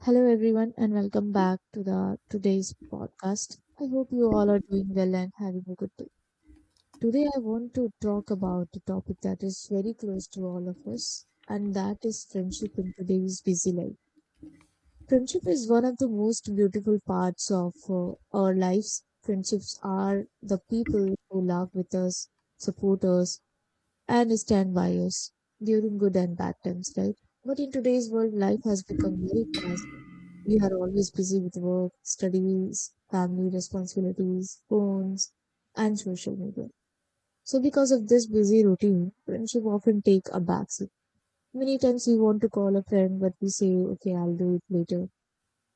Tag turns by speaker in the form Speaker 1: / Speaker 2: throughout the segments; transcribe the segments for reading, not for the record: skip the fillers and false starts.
Speaker 1: Hello everyone and welcome back to the today's podcast. I hope you all are doing well and having a good day. Today I want to talk about a topic that is very close to all of us, and that is friendship in today's busy life. Friendship is one of the most beautiful parts of our lives. Friendships are the people who love with us, support us and stand by us during good and bad times, right? But in today's world, life has become very fast. We are always busy with work, studies, family responsibilities, phones, and social media. So because of this busy routine, friendship often take a backseat. Many times we want to call a friend, but we say, okay, I'll do it later.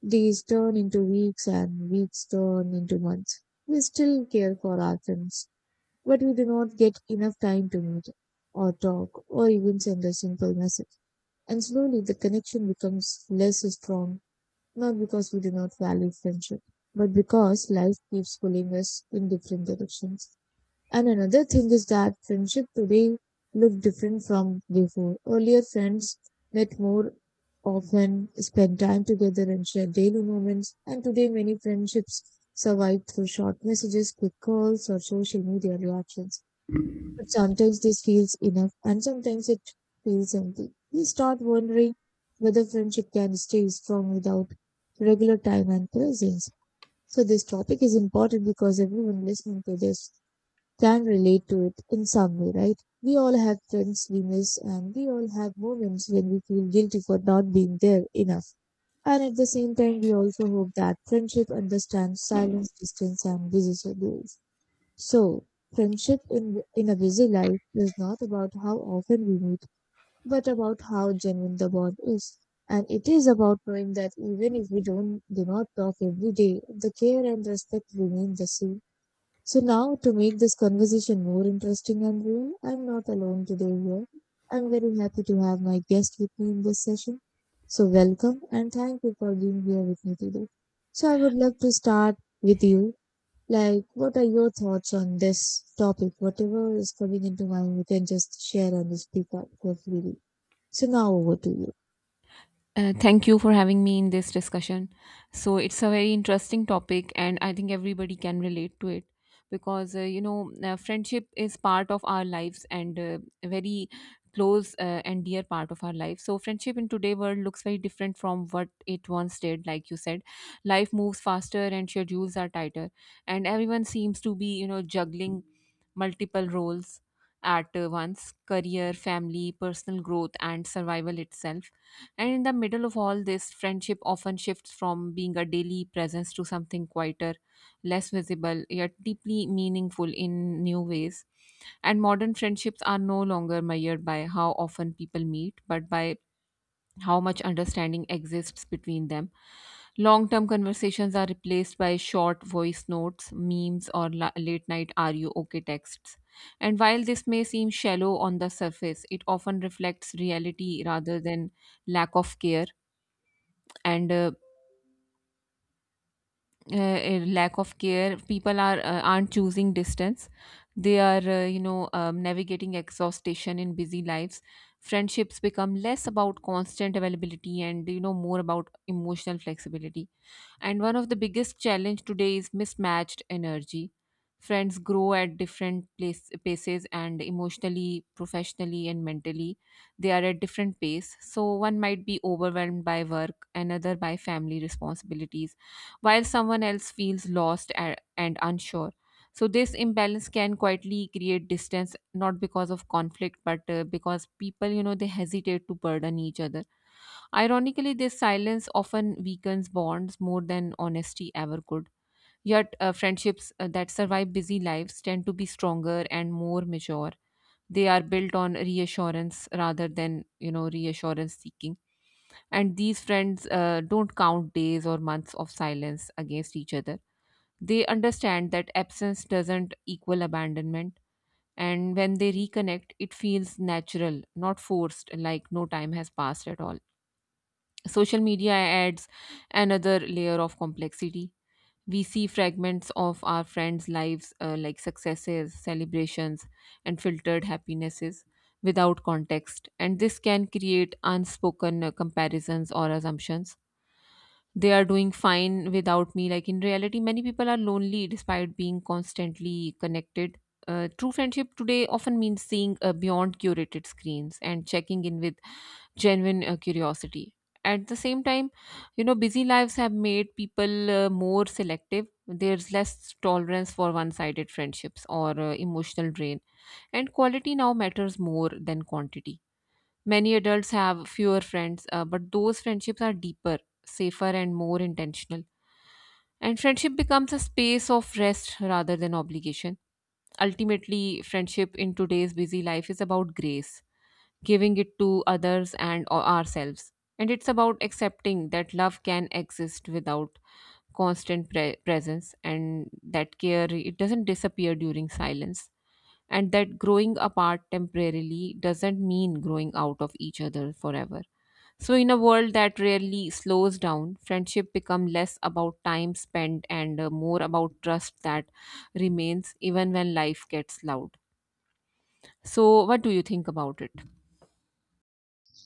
Speaker 1: Days turn into weeks and weeks turn into months. We still care for our friends, but we do not get enough time to meet or talk or even send a simple message. And slowly the connection becomes less strong, not because we do not value friendship, but because life keeps pulling us in different directions. And another thing is that friendship today look different from before. Earlier friends met more often, spent time together and shared daily moments. And today many friendships survive through short messages, quick calls or social media reactions. But sometimes this feels enough, and sometimes it feels empty. We start wondering whether friendship can stay strong without regular time and presence. So this topic is important because everyone listening to this can relate to it in some way, right? We all have friends we miss, and we all have moments when we feel guilty for not being there enough. And at the same time, we also hope that friendship understands silence, distance, and busy schedules. So, friendship in a busy life is not about how often we meet, but about how genuine the bond is. And it is about knowing that even if we don't do not talk every day, the care and respect remain the same. So now, to make this conversation more interesting and real, I'm not alone today here. I'm very happy to have my guest with me in this session. So welcome, and thank you for being here with me today. So I would love to start with you. Like, what are your thoughts on this topic? Whatever is coming into mind, you can just share and speak up for freely. So now over to you.
Speaker 2: Thank you for having me in this discussion. So it's a very interesting topic, and I think everybody can relate to it because friendship is part of our lives and a very close and dear part of our life. So friendship in today world looks very different from what it once did. Like you said, life moves faster and schedules are tighter, and everyone seems to be juggling multiple roles at once, career, family, personal growth, and survival itself. And in the middle of all this, friendship often shifts from being a daily presence to something quieter, less visible, yet deeply meaningful in new ways. And modern friendships are no longer measured by how often people meet but by how much understanding exists between them. Long term conversations are replaced by short voice notes, memes, or late night "are you okay" texts. And while this may seem shallow on the surface, it often reflects reality rather than lack of care. And a lack of care, people aren't choosing distance, they are navigating exhaustion in busy lives. Friendships become less about constant availability and, more about emotional flexibility. And one of the biggest challenge today is mismatched energy. Friends grow at different paces, and emotionally, professionally, and mentally they are at different pace. So one might be overwhelmed by work, another by family responsibilities, while someone else feels lost and unsure. So this imbalance can quietly create distance, not because of conflict but because people, they hesitate to burden each other. Ironically, this silence often weakens bonds more than honesty ever could. Yet, friendships that survive busy lives tend to be stronger and more mature. They are built on reassurance rather than, reassurance seeking. And these friends don't count days or months of silence against each other. They understand that absence doesn't equal abandonment. And when they reconnect, it feels natural, not forced, like no time has passed at all. Social media adds another layer of complexity. We see fragments of our friends' lives, like successes, celebrations, and filtered happinesses without context. And this can create unspoken comparisons or assumptions. They are doing fine without me. Like in reality, many people are lonely despite being constantly connected. True friendship today often means seeing beyond curated screens and checking in with genuine curiosity. At the same time, busy lives have made people more selective. There's less tolerance for one-sided friendships or emotional drain, and quality now matters more than quantity. Many adults have fewer friends, but those friendships are deeper, safer, and more intentional. And friendship becomes a space of rest rather than obligation. Ultimately, friendship in today's busy life is about grace, giving it to others and ourselves. And it's about accepting that love can exist without constant presence, and that care, it doesn't disappear during silence, and that growing apart temporarily doesn't mean growing out of each other forever. So in a world that rarely slows down, friendship become less about time spent and, more about trust that remains even when life gets loud. So what do you think about it?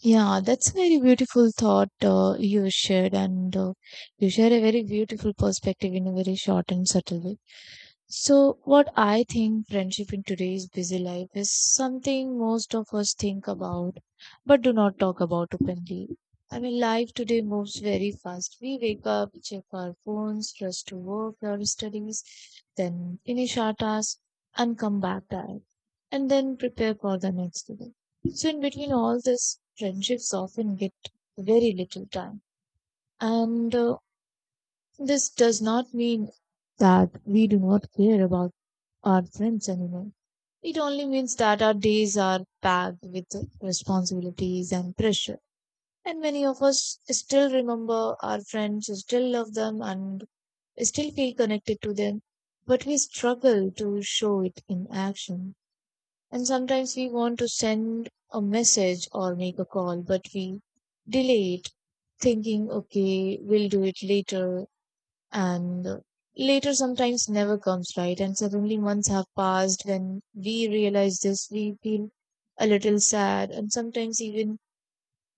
Speaker 1: Yeah, that's a very beautiful thought you shared, and you share a very beautiful perspective in a very short and subtle way. So, what I think, friendship in today's busy life is something most of us think about but do not talk about openly. I mean, life today moves very fast. We wake up, check our phones, rush to work or studies, then finish our tasks and come back tired, and then prepare for the next day. So in between all this, friendships often get very little time. And this does not mean that we do not care about our friends anymore. It only means that our days are packed with responsibilities and pressure. And many of us still remember our friends, still love them, and still feel connected to them. But we struggle to show it in action. And sometimes we want to send a message or make a call, but we delay it, thinking, okay, we'll do it later. And later sometimes never comes, right? And suddenly months have passed. When we realize this, we feel a little sad and sometimes even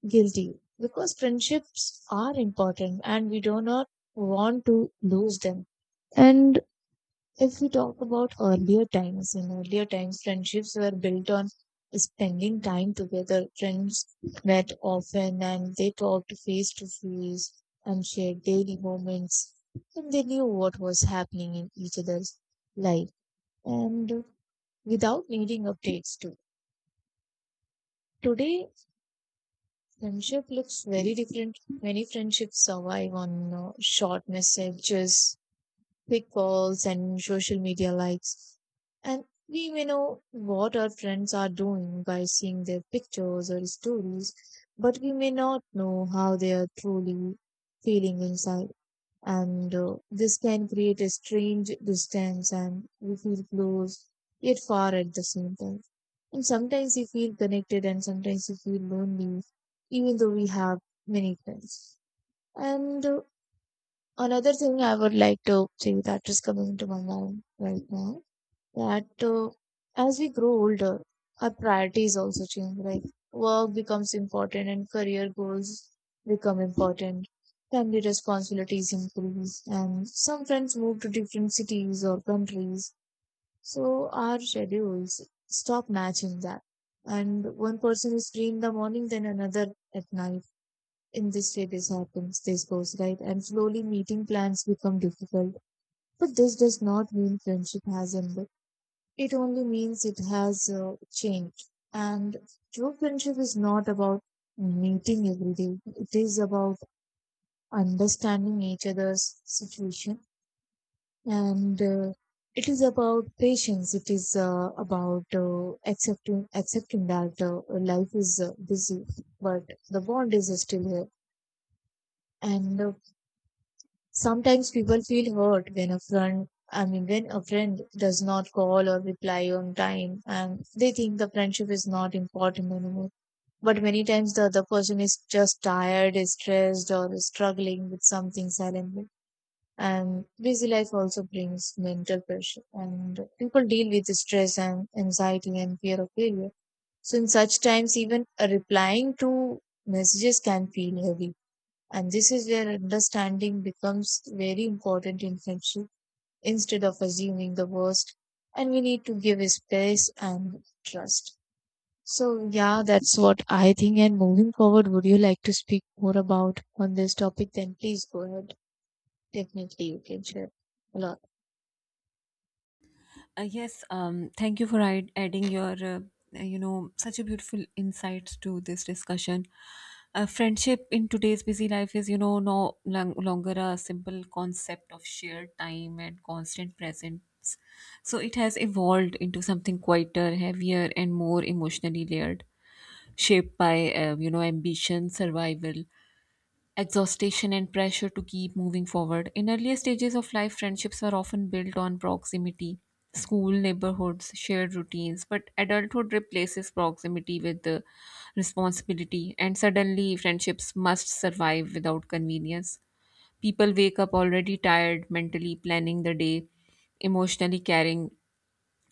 Speaker 1: guilty, because friendships are important and we do not want to lose them. And if we talk about earlier times, in earlier times, friendships were built on spending time together. Friends met often and they talked face to face and shared daily moments. And they knew what was happening in each other's life and without needing updates too. Today, friendship looks very different. Many friendships survive on short messages, quick calls and social media likes. And we may know what our friends are doing by seeing their pictures or stories, but we may not know how they are truly feeling inside. And this can create a strange distance, and we feel close yet far at the same time. And sometimes we feel connected, and sometimes we feel lonely, even though we have many friends. And another thing I would like to say that is coming into my mind right now, that as we grow older, our priorities also change. Like work becomes important and career goals become important. Family responsibilities increase, and some friends move to different cities or countries. So our schedules stop matching that. And one person is free in the morning, then another at night. In this way, this happens, this goes right, and slowly meeting plans become difficult. But this does not mean friendship has ended. It only means it has changed. And true friendship is not about meeting every day. It is about understanding each other's situation, and it is about patience. It is about accepting that life is busy, but the bond is still here. And sometimes people feel hurt when a friend, I mean, when a friend does not call or reply on time, and they think the friendship is not important anymore. But many times the other person is just tired, is stressed, or is struggling with something silently. And busy life also brings mental pressure, and people deal with stress and anxiety and fear of failure. So in such times, even replying to messages can feel heavy, and this is where understanding becomes very important in friendship. Instead of assuming the worst, and we need to give space and trust. So yeah, that's what I think. And moving forward, would you like to speak more about on this topic? Then please go ahead. Definitely, you can share a lot.
Speaker 2: Yes, thank you for adding your, such a beautiful insights to this discussion. Friendship in today's busy life is, no longer a simple concept of shared time and constant presence. So it has evolved into something quieter, heavier, and more emotionally layered, shaped by, ambition, survival, exhaustion, and pressure to keep moving forward. In earlier stages of life, friendships are often built on proximity, school, neighborhoods, shared routines, but adulthood replaces proximity with the responsibility, and suddenly friendships must survive without convenience. People wake up already tired, mentally planning the day, emotionally carrying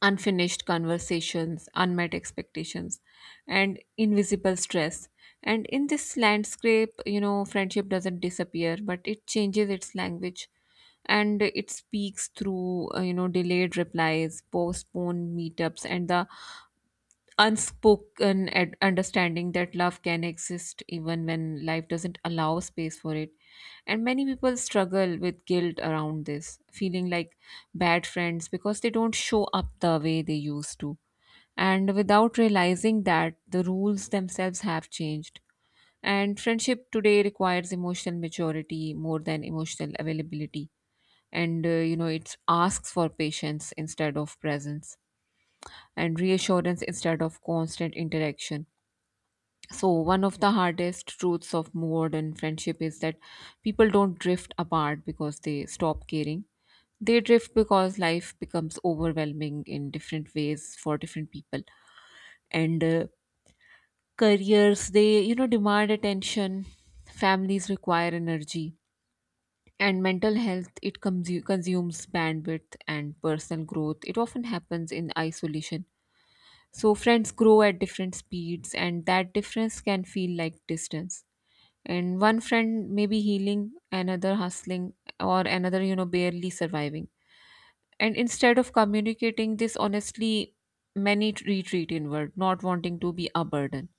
Speaker 2: unfinished conversations, unmet expectations, and invisible stress. And in this landscape, friendship doesn't disappear, but it changes its language, and it speaks through, delayed replies, postponed meetups, and the unspoken understanding that love can exist even when life doesn't allow space for it. And many people struggle with guilt around this, feeling like bad friends because they don't show up the way they used to, and without realizing that the rules themselves have changed. And friendship today requires emotional maturity more than emotional availability. And, it asks for patience instead of presence, and reassurance instead of constant interaction. So, one of the hardest truths of modern friendship is that people don't drift apart because they stop caring. They drift because life becomes overwhelming in different ways for different people. And careers, they, demand attention, families require energy, and mental health, it consumes bandwidth, and personal growth, it often happens in isolation. So, friends grow at different speeds, and that difference can feel like distance. And one friend may be healing, another hustling, or another, barely surviving. And instead of communicating this honestly, many retreat inward, not wanting to be a burden.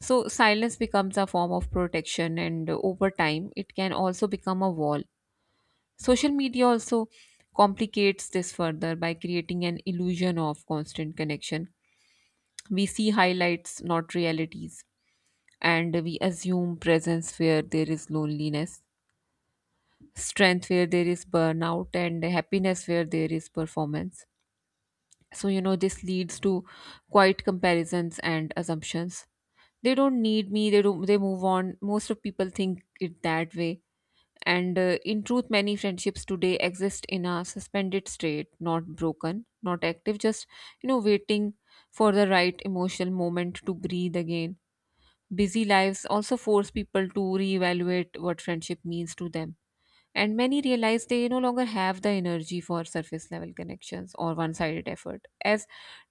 Speaker 2: So silence becomes a form of protection, and over time it can also become a wall. Social media also complicates this further by creating an illusion of constant connection. We see highlights, not realities, and we assume presence where there is loneliness, strength where there is burnout, and happiness where there is performance. So, this leads to quite comparisons and assumptions. They don't need me, they don't, they move on, most of people think it that way. And in truth, many friendships today exist in a suspended state, not broken, not active, just, waiting for the right emotional moment to breathe again. Busy lives also force people to reevaluate what friendship means to them, and many realize they no longer have the energy for surface level connections or one sided effort. As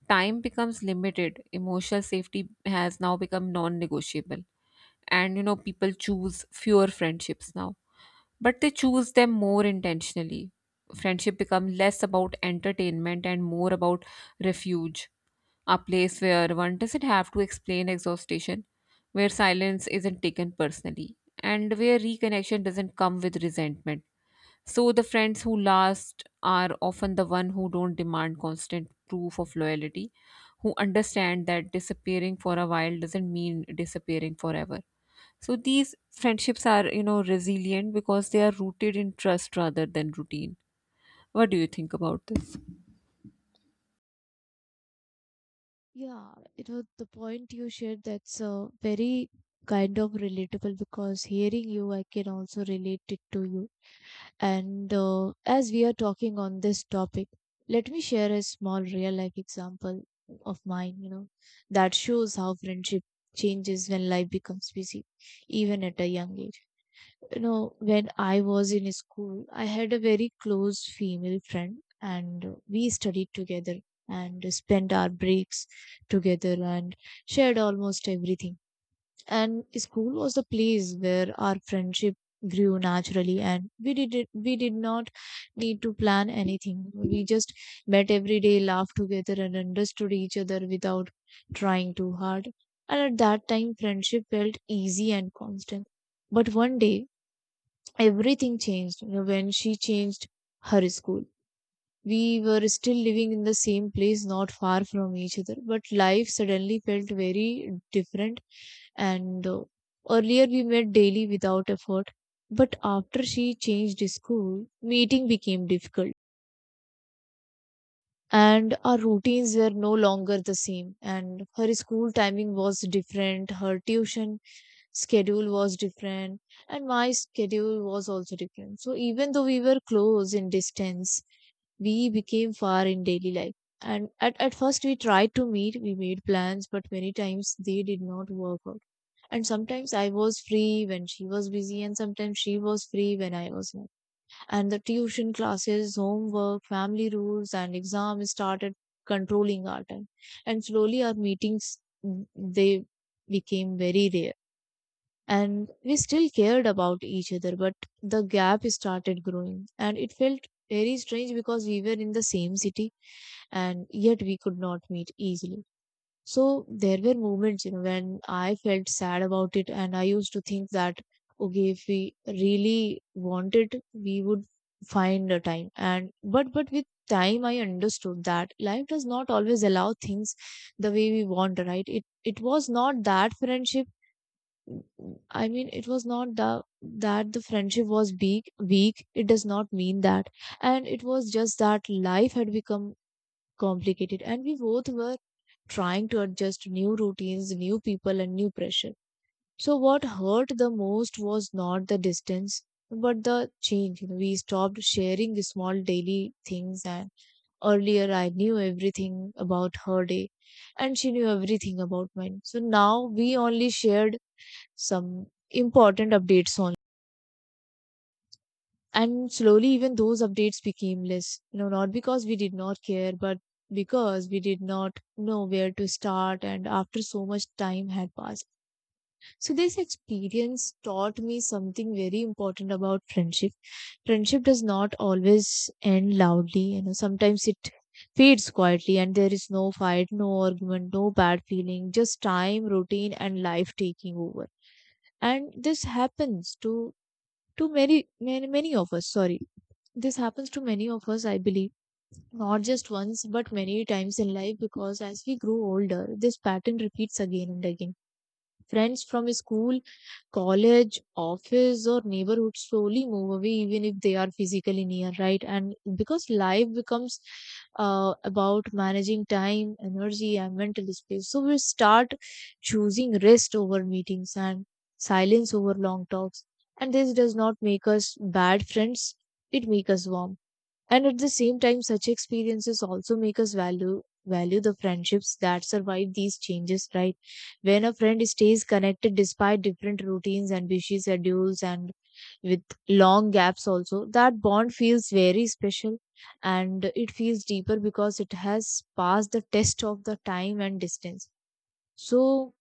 Speaker 2: time becomes limited, emotional safety has now become non negotiable. And, people choose fewer friendships now, but they choose them more intentionally. Friendship become less about entertainment and more about refuge, a place where one doesn't have to explain exhaustion, where silence isn't taken personally, and where reconnection doesn't come with resentment. So the friends who last are often the one who don't demand constant proof of loyalty, who understand that disappearing for a while doesn't mean disappearing forever. So these friendships are, resilient because they are rooted in trust rather than routine. What do you think about this?
Speaker 1: Yeah, you know, the point you shared, that's very kind of relatable because hearing you, I can also relate it to you. And as we are talking on this topic, let me share a small real life example of mine, you know, that shows how friendship changes when life becomes busy, even at a young age. You know, when I was in school, I had a very close female friend, and we studied together and spent our breaks together and shared almost everything, and school was the place where our friendship grew naturally, and we did not need to plan anything. We just met every day, laughed together and understood each other without trying too hard, and at that time friendship felt easy and constant. But one day everything changed, you know, when she changed her school. We were still living in the same place, not far from each other, but life suddenly felt very different. And earlier we met daily without effort, but after she changed school, meeting became difficult. And our routines were no longer the same. And her school timing was different, her tuition schedule was different, and my schedule was also different. So even though we were close in distance, we became far in daily life. And at first, we tried to meet, we made plans, but many times they did not work out. And sometimes I was free when she was busy, and sometimes she was free when I was not. And the tuition classes, homework, family rules, and exams started controlling our time. And slowly, our meetings they became very rare. And we still cared about each other, but the gap started growing, and it felt very strange because we were in the same city and yet we could not meet easily. So there were moments, you know, when I felt sad about it, and I used to think that, okay, if we really wanted, we would find a time. And but with time, I understood that life does not always allow things the way we want, right? It was not that friendship. I mean, it was not the that the friendship was big weak. It does not mean that, and it was just that life had become complicated, and we both were trying to adjust to new routines, new people, and new pressure. So, what hurt the most was not the distance, but the change. We stopped sharing the small daily things, and earlier I knew everything about her day, and she knew everything about mine. So, now we only shared some important updates online. And slowly, even those updates became less, you know, not because we did not care, but because we did not know where to start, and after so much time had passed. So, this experience taught me something very important about friendship. Friendship does not always end loudly, you know, sometimes it fades quietly, and there is no fight, no argument, no bad feeling, just time, routine, and life taking over. And this happens to many of us, sorry, this happens to many of us, I believe, not just once, but many times in life because as we grow older, this pattern repeats again and again. Friends from school, college, office, or neighborhood slowly move away, even if they are physically near, right? And because life becomes about managing time, energy, and mental space, so we start choosing rest over meetings and silence over long talks. And this does not make us bad friends, it makes us warm and at the same time, such experiences also make us value the friendships that survive these changes, right? When a friend stays connected despite different routines and busy schedules and with long gaps also, that bond feels very special and it feels deeper because it has passed the test of the time and distance. So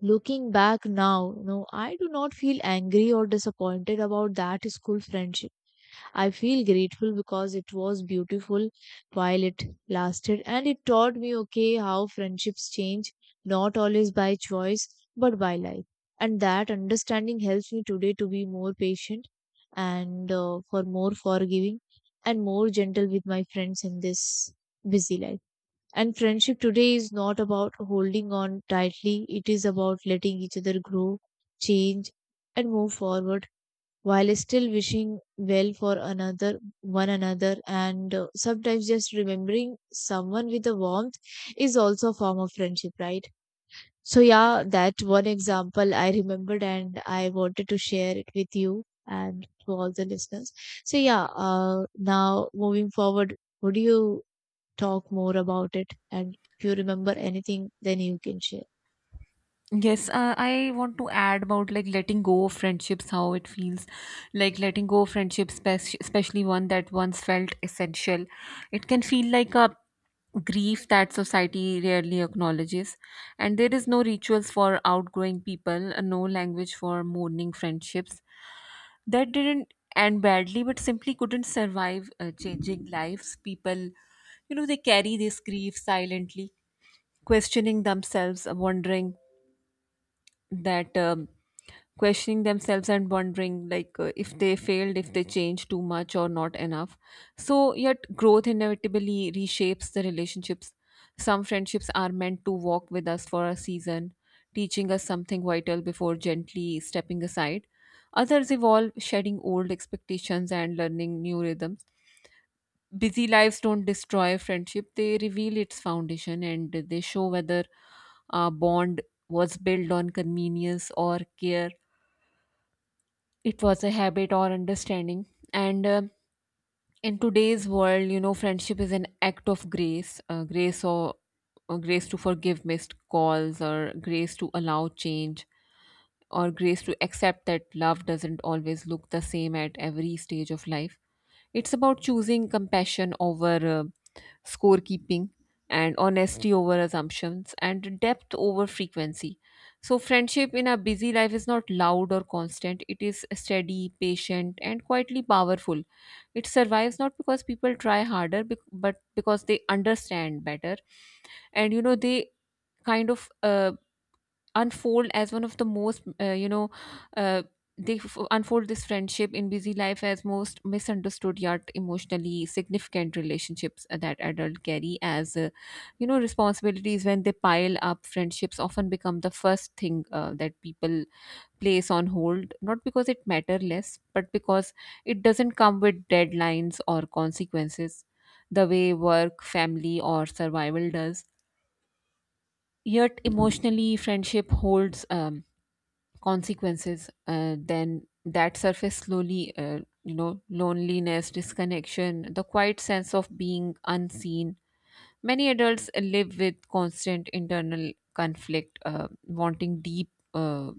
Speaker 1: looking back now, no, I do not feel angry or disappointed about that school friendship. I feel grateful because it was beautiful while it lasted and it taught me, okay, how friendships change, not always by choice, but by life. And that understanding helps me today to be more patient and for more forgiving and more gentle with my friends in this busy life. And friendship today is not about holding on tightly, it is about letting each other grow, change, and move forward while still wishing well for another one another, and sometimes just remembering someone with a warmth is also a form of friendship, right? So yeah, that one example I remembered and I wanted to share it with you and to all the listeners. So yeah, now moving forward, would you talk more about it, and if you remember anything then you can share.
Speaker 2: Yes, I want to add about like letting go of friendships, how it feels like letting go of friendships, especially one that once felt essential. It can feel like a grief that society rarely acknowledges, and there is no rituals for outgrowing people, no language for mourning friendships that didn't end badly but simply couldn't survive changing lives. People, they carry this grief silently, questioning themselves, wondering that. Questioning themselves and wondering like if they failed, if they changed too much or not enough. So yet growth inevitably reshapes the relationships. Some friendships are meant to walk with us for a season, teaching us something vital before gently stepping aside. Others evolve, shedding old expectations and learning new rhythms. Busy lives don't destroy friendship, they reveal its foundation, and they show whether a bond was built on convenience or care, it was a habit or understanding. And in today's world, friendship is an act of grace, or grace to forgive missed calls, or grace to allow change, or grace to accept that love doesn't always look the same at every stage of life. It's about choosing compassion over, scorekeeping, and honesty over assumptions, and depth over frequency. So, friendship in a busy life is not loud or constant, it is steady, patient, and quietly powerful. It survives not because people try harder, but because they understand better, and you know they kind of unfold as one of the most you know uh, they f- unfold this friendship in busy life as most misunderstood yet emotionally significant relationships that adults carry as responsibilities. When they pile up, friendships often become the first thing that people place on hold, not because it matter less, but because it doesn't come with deadlines or consequences the way work, family, or survival does. Yet emotionally, friendship holds consequences then that surface slowly, loneliness, disconnection, the quiet sense of being unseen. Many adults live with constant internal conflict, wanting deep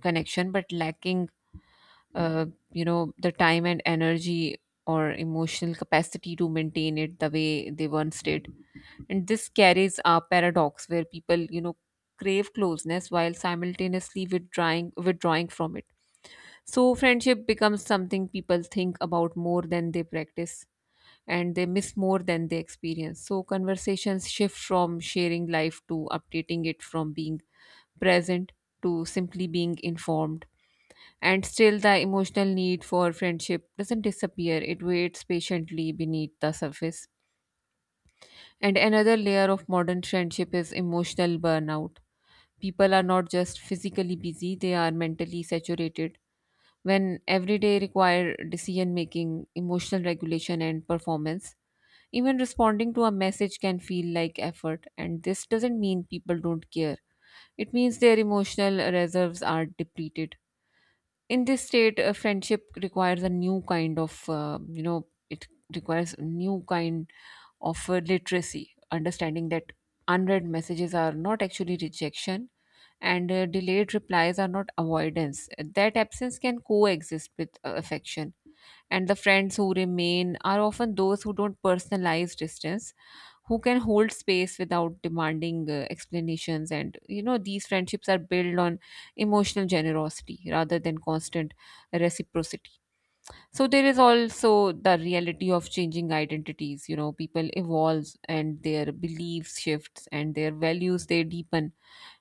Speaker 2: connection but lacking uh, the time and energy or emotional capacity to maintain it the way they once did. And this carries a paradox where people, crave closeness while simultaneously withdrawing from it. So friendship becomes something people think about more than they practice and they miss more than they experience. So, conversations shift from sharing life to updating it, from being present to simply being informed. And still, the emotional need for friendship doesn't disappear, it waits patiently beneath the surface. And another layer of modern friendship is emotional burnout. People are not just physically busy, they are mentally saturated when every day require decision making, emotional regulation and performance. Even responding to a message can feel like effort, and this doesn't mean people don't care. It means their emotional reserves are depleted. In this state, a friendship requires a new kind of you know it requires a new kind of literacy, understanding that unread messages are not actually rejection, and delayed replies are not avoidance. That absence can coexist with affection, and the friends who remain are often those who don't personalize distance, who can hold space without demanding explanations. And these friendships are built on emotional generosity rather than constant reciprocity. So there is also the reality of changing identities. You know, people evolve and their beliefs shifts and their values, they deepen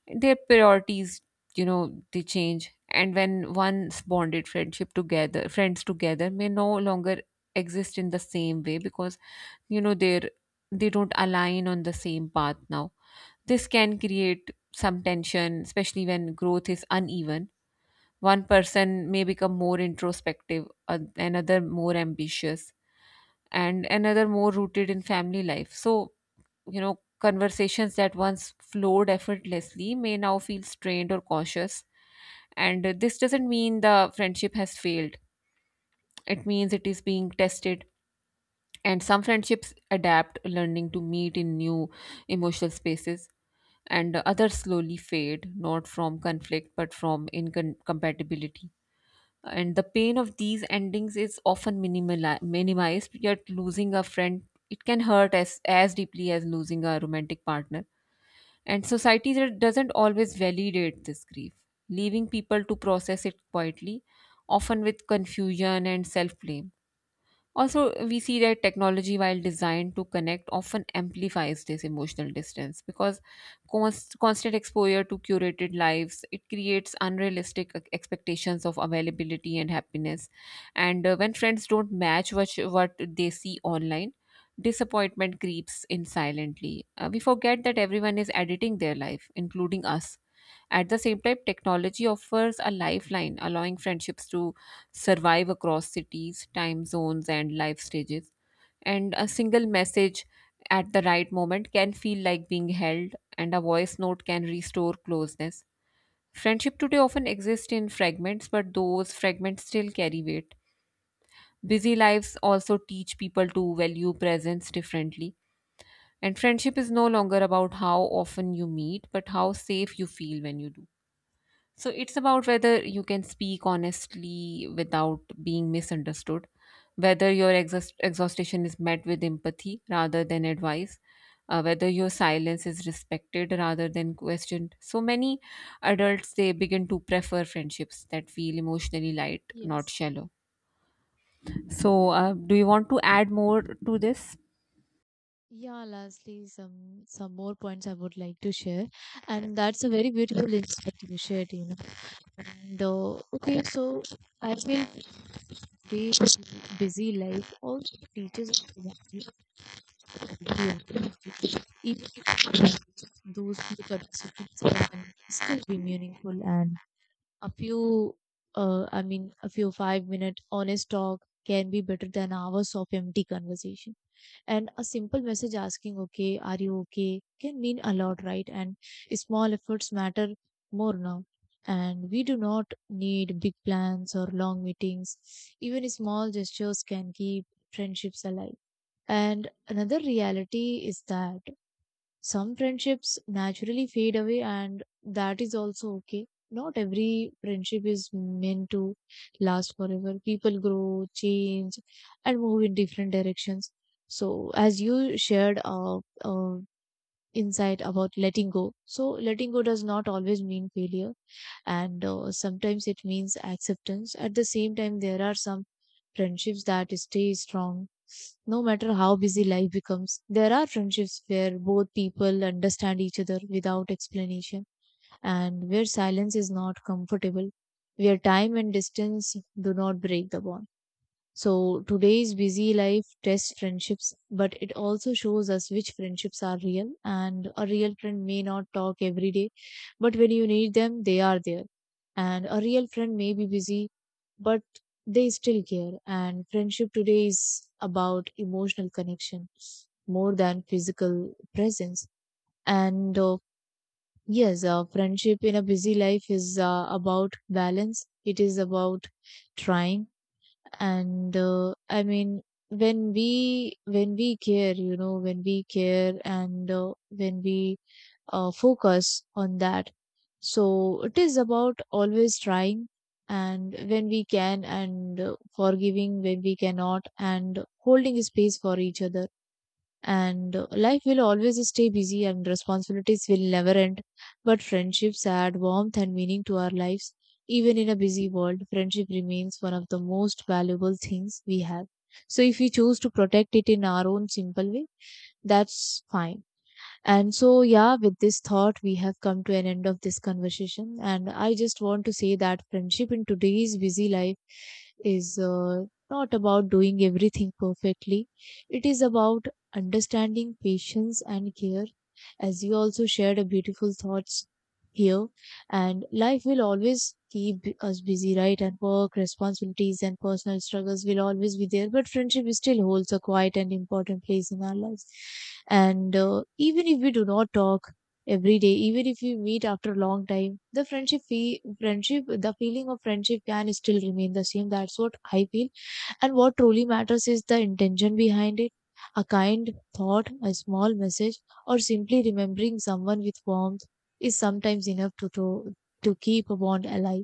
Speaker 2: their priorities, they change. And when once bonded friendship together, friends together may no longer exist in the same way because you know they're they don't align on the same path now. This can create some tension, especially when growth is uneven. One person may become more introspective, another more ambitious, and another more rooted in family life. So, conversations that once flowed effortlessly may now feel strained or cautious, and this doesn't mean the friendship has failed, it means it is being tested. And some friendships adapt, learning to meet in new emotional spaces, and others slowly fade, not from conflict but from incompatibility. And the pain of these endings is often minimized, yet losing a friend, it can hurt as deeply as losing a romantic partner. And society that doesn't always validate this grief, leaving people to process it quietly, often with confusion and self blame. Also, we see that technology, while designed to connect, often amplifies this emotional distance, because constant exposure to curated lives, it creates unrealistic expectations of availability and happiness. And when friends don't match what they see online, disappointment creeps in silently. We forget that everyone is editing their life, including us. At the same time, technology offers a lifeline, allowing friendships to survive across cities, time zones, and life stages. And a single message at the right moment can feel like being held, and a voice note can restore closeness. Friendship today often exists in fragments, but those fragments still carry weight. Busy lives also teach people to value presence differently. And friendship is no longer about how often you meet, but how safe you feel when you do. So it's about whether you can speak honestly without being misunderstood, whether your exhaustion is met with empathy rather than advice, whether your silence is respected rather than questioned. So many adults, they begin to prefer friendships that feel emotionally light, not
Speaker 1: Yes.
Speaker 2: shallow. So do you want to add more to this?
Speaker 1: Yeah, lastly, some more points I would like to share, and that's a very beautiful insight you shared, you know. And okay, so I feel today's busy life also teaches us to value creativity, even those few participants can still be meaningful, and a few, a few 5 minute honest talk can be better than hours of empty conversation. And a simple message asking, okay, are you okay, can mean a lot, right? And small efforts matter more now. And we do not need big plans or long meetings. Even small gestures can keep friendships alive. And another reality is that some friendships naturally fade away, and that is also okay. Not every friendship is meant to last forever. People grow, change, and move in different directions. So, as you shared, uh, insight about letting go, so letting go does not always mean failure, and sometimes it means acceptance. At the same time, there are some friendships that stay strong no matter how busy life becomes. There are friendships where both people understand each other without explanation, and where silence is not comfortable, where time and distance do not break the bond. So today's busy life tests friendships, but it also shows us which friendships are real. And a real friend may not talk every day, but when you need them, they are there. And a real friend may be busy, but they still care. And friendship today is about emotional connection more than physical presence. And yes, friendship in a busy life is about balance. It is about trying, and I mean, when we care, you know, when we care, and when we focus on that, so it is about always trying and when we can, and forgiving when we cannot, and holding space for each other. And life will always stay busy and responsibilities will never end, but friendships add warmth and meaning to our lives. Even in a busy world, friendship remains one of the most valuable things we have, so if we choose to protect it in our own simple way, that's fine. And so, yeah, with this thought, we have come to an end of this conversation. And I just want to say that friendship in today's busy life is not about doing everything perfectly, it is about understanding, patience, and care, as you also shared a beautiful thoughts here. And life will always keep us busy, right? And work, responsibilities, and personal struggles will always be there, but friendship still holds a quiet and important place in our lives. And even if we do not talk every day, even if we meet after a long time, the friendship fee- friendship the feeling of friendship can still remain the same. That's what I feel. And what truly matters is the intention behind it. A kind thought, a small message, or simply remembering someone with warmth is sometimes enough to keep a bond alive.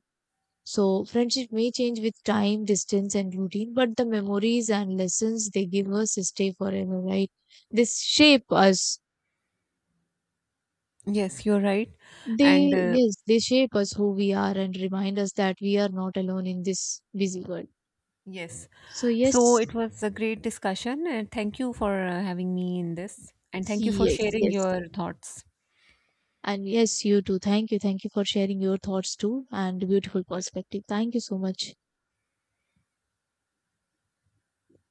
Speaker 1: So, friendship may change with time, distance, and routine, but the memories and lessons they give us stay forever, right? They shape us.
Speaker 2: Yes, you're right, and
Speaker 1: They, yes, they shape us who we are and remind us that we are not alone in this busy world.
Speaker 2: yes.
Speaker 1: So,
Speaker 2: So
Speaker 1: yes,
Speaker 2: it was a great discussion, and thank you for having me in this, and thank you for
Speaker 1: yes,
Speaker 2: sharing
Speaker 1: yes.
Speaker 2: your thoughts.
Speaker 1: And yes, you too. Thank you. Thank you for sharing your thoughts too and beautiful perspective. Thank you so much.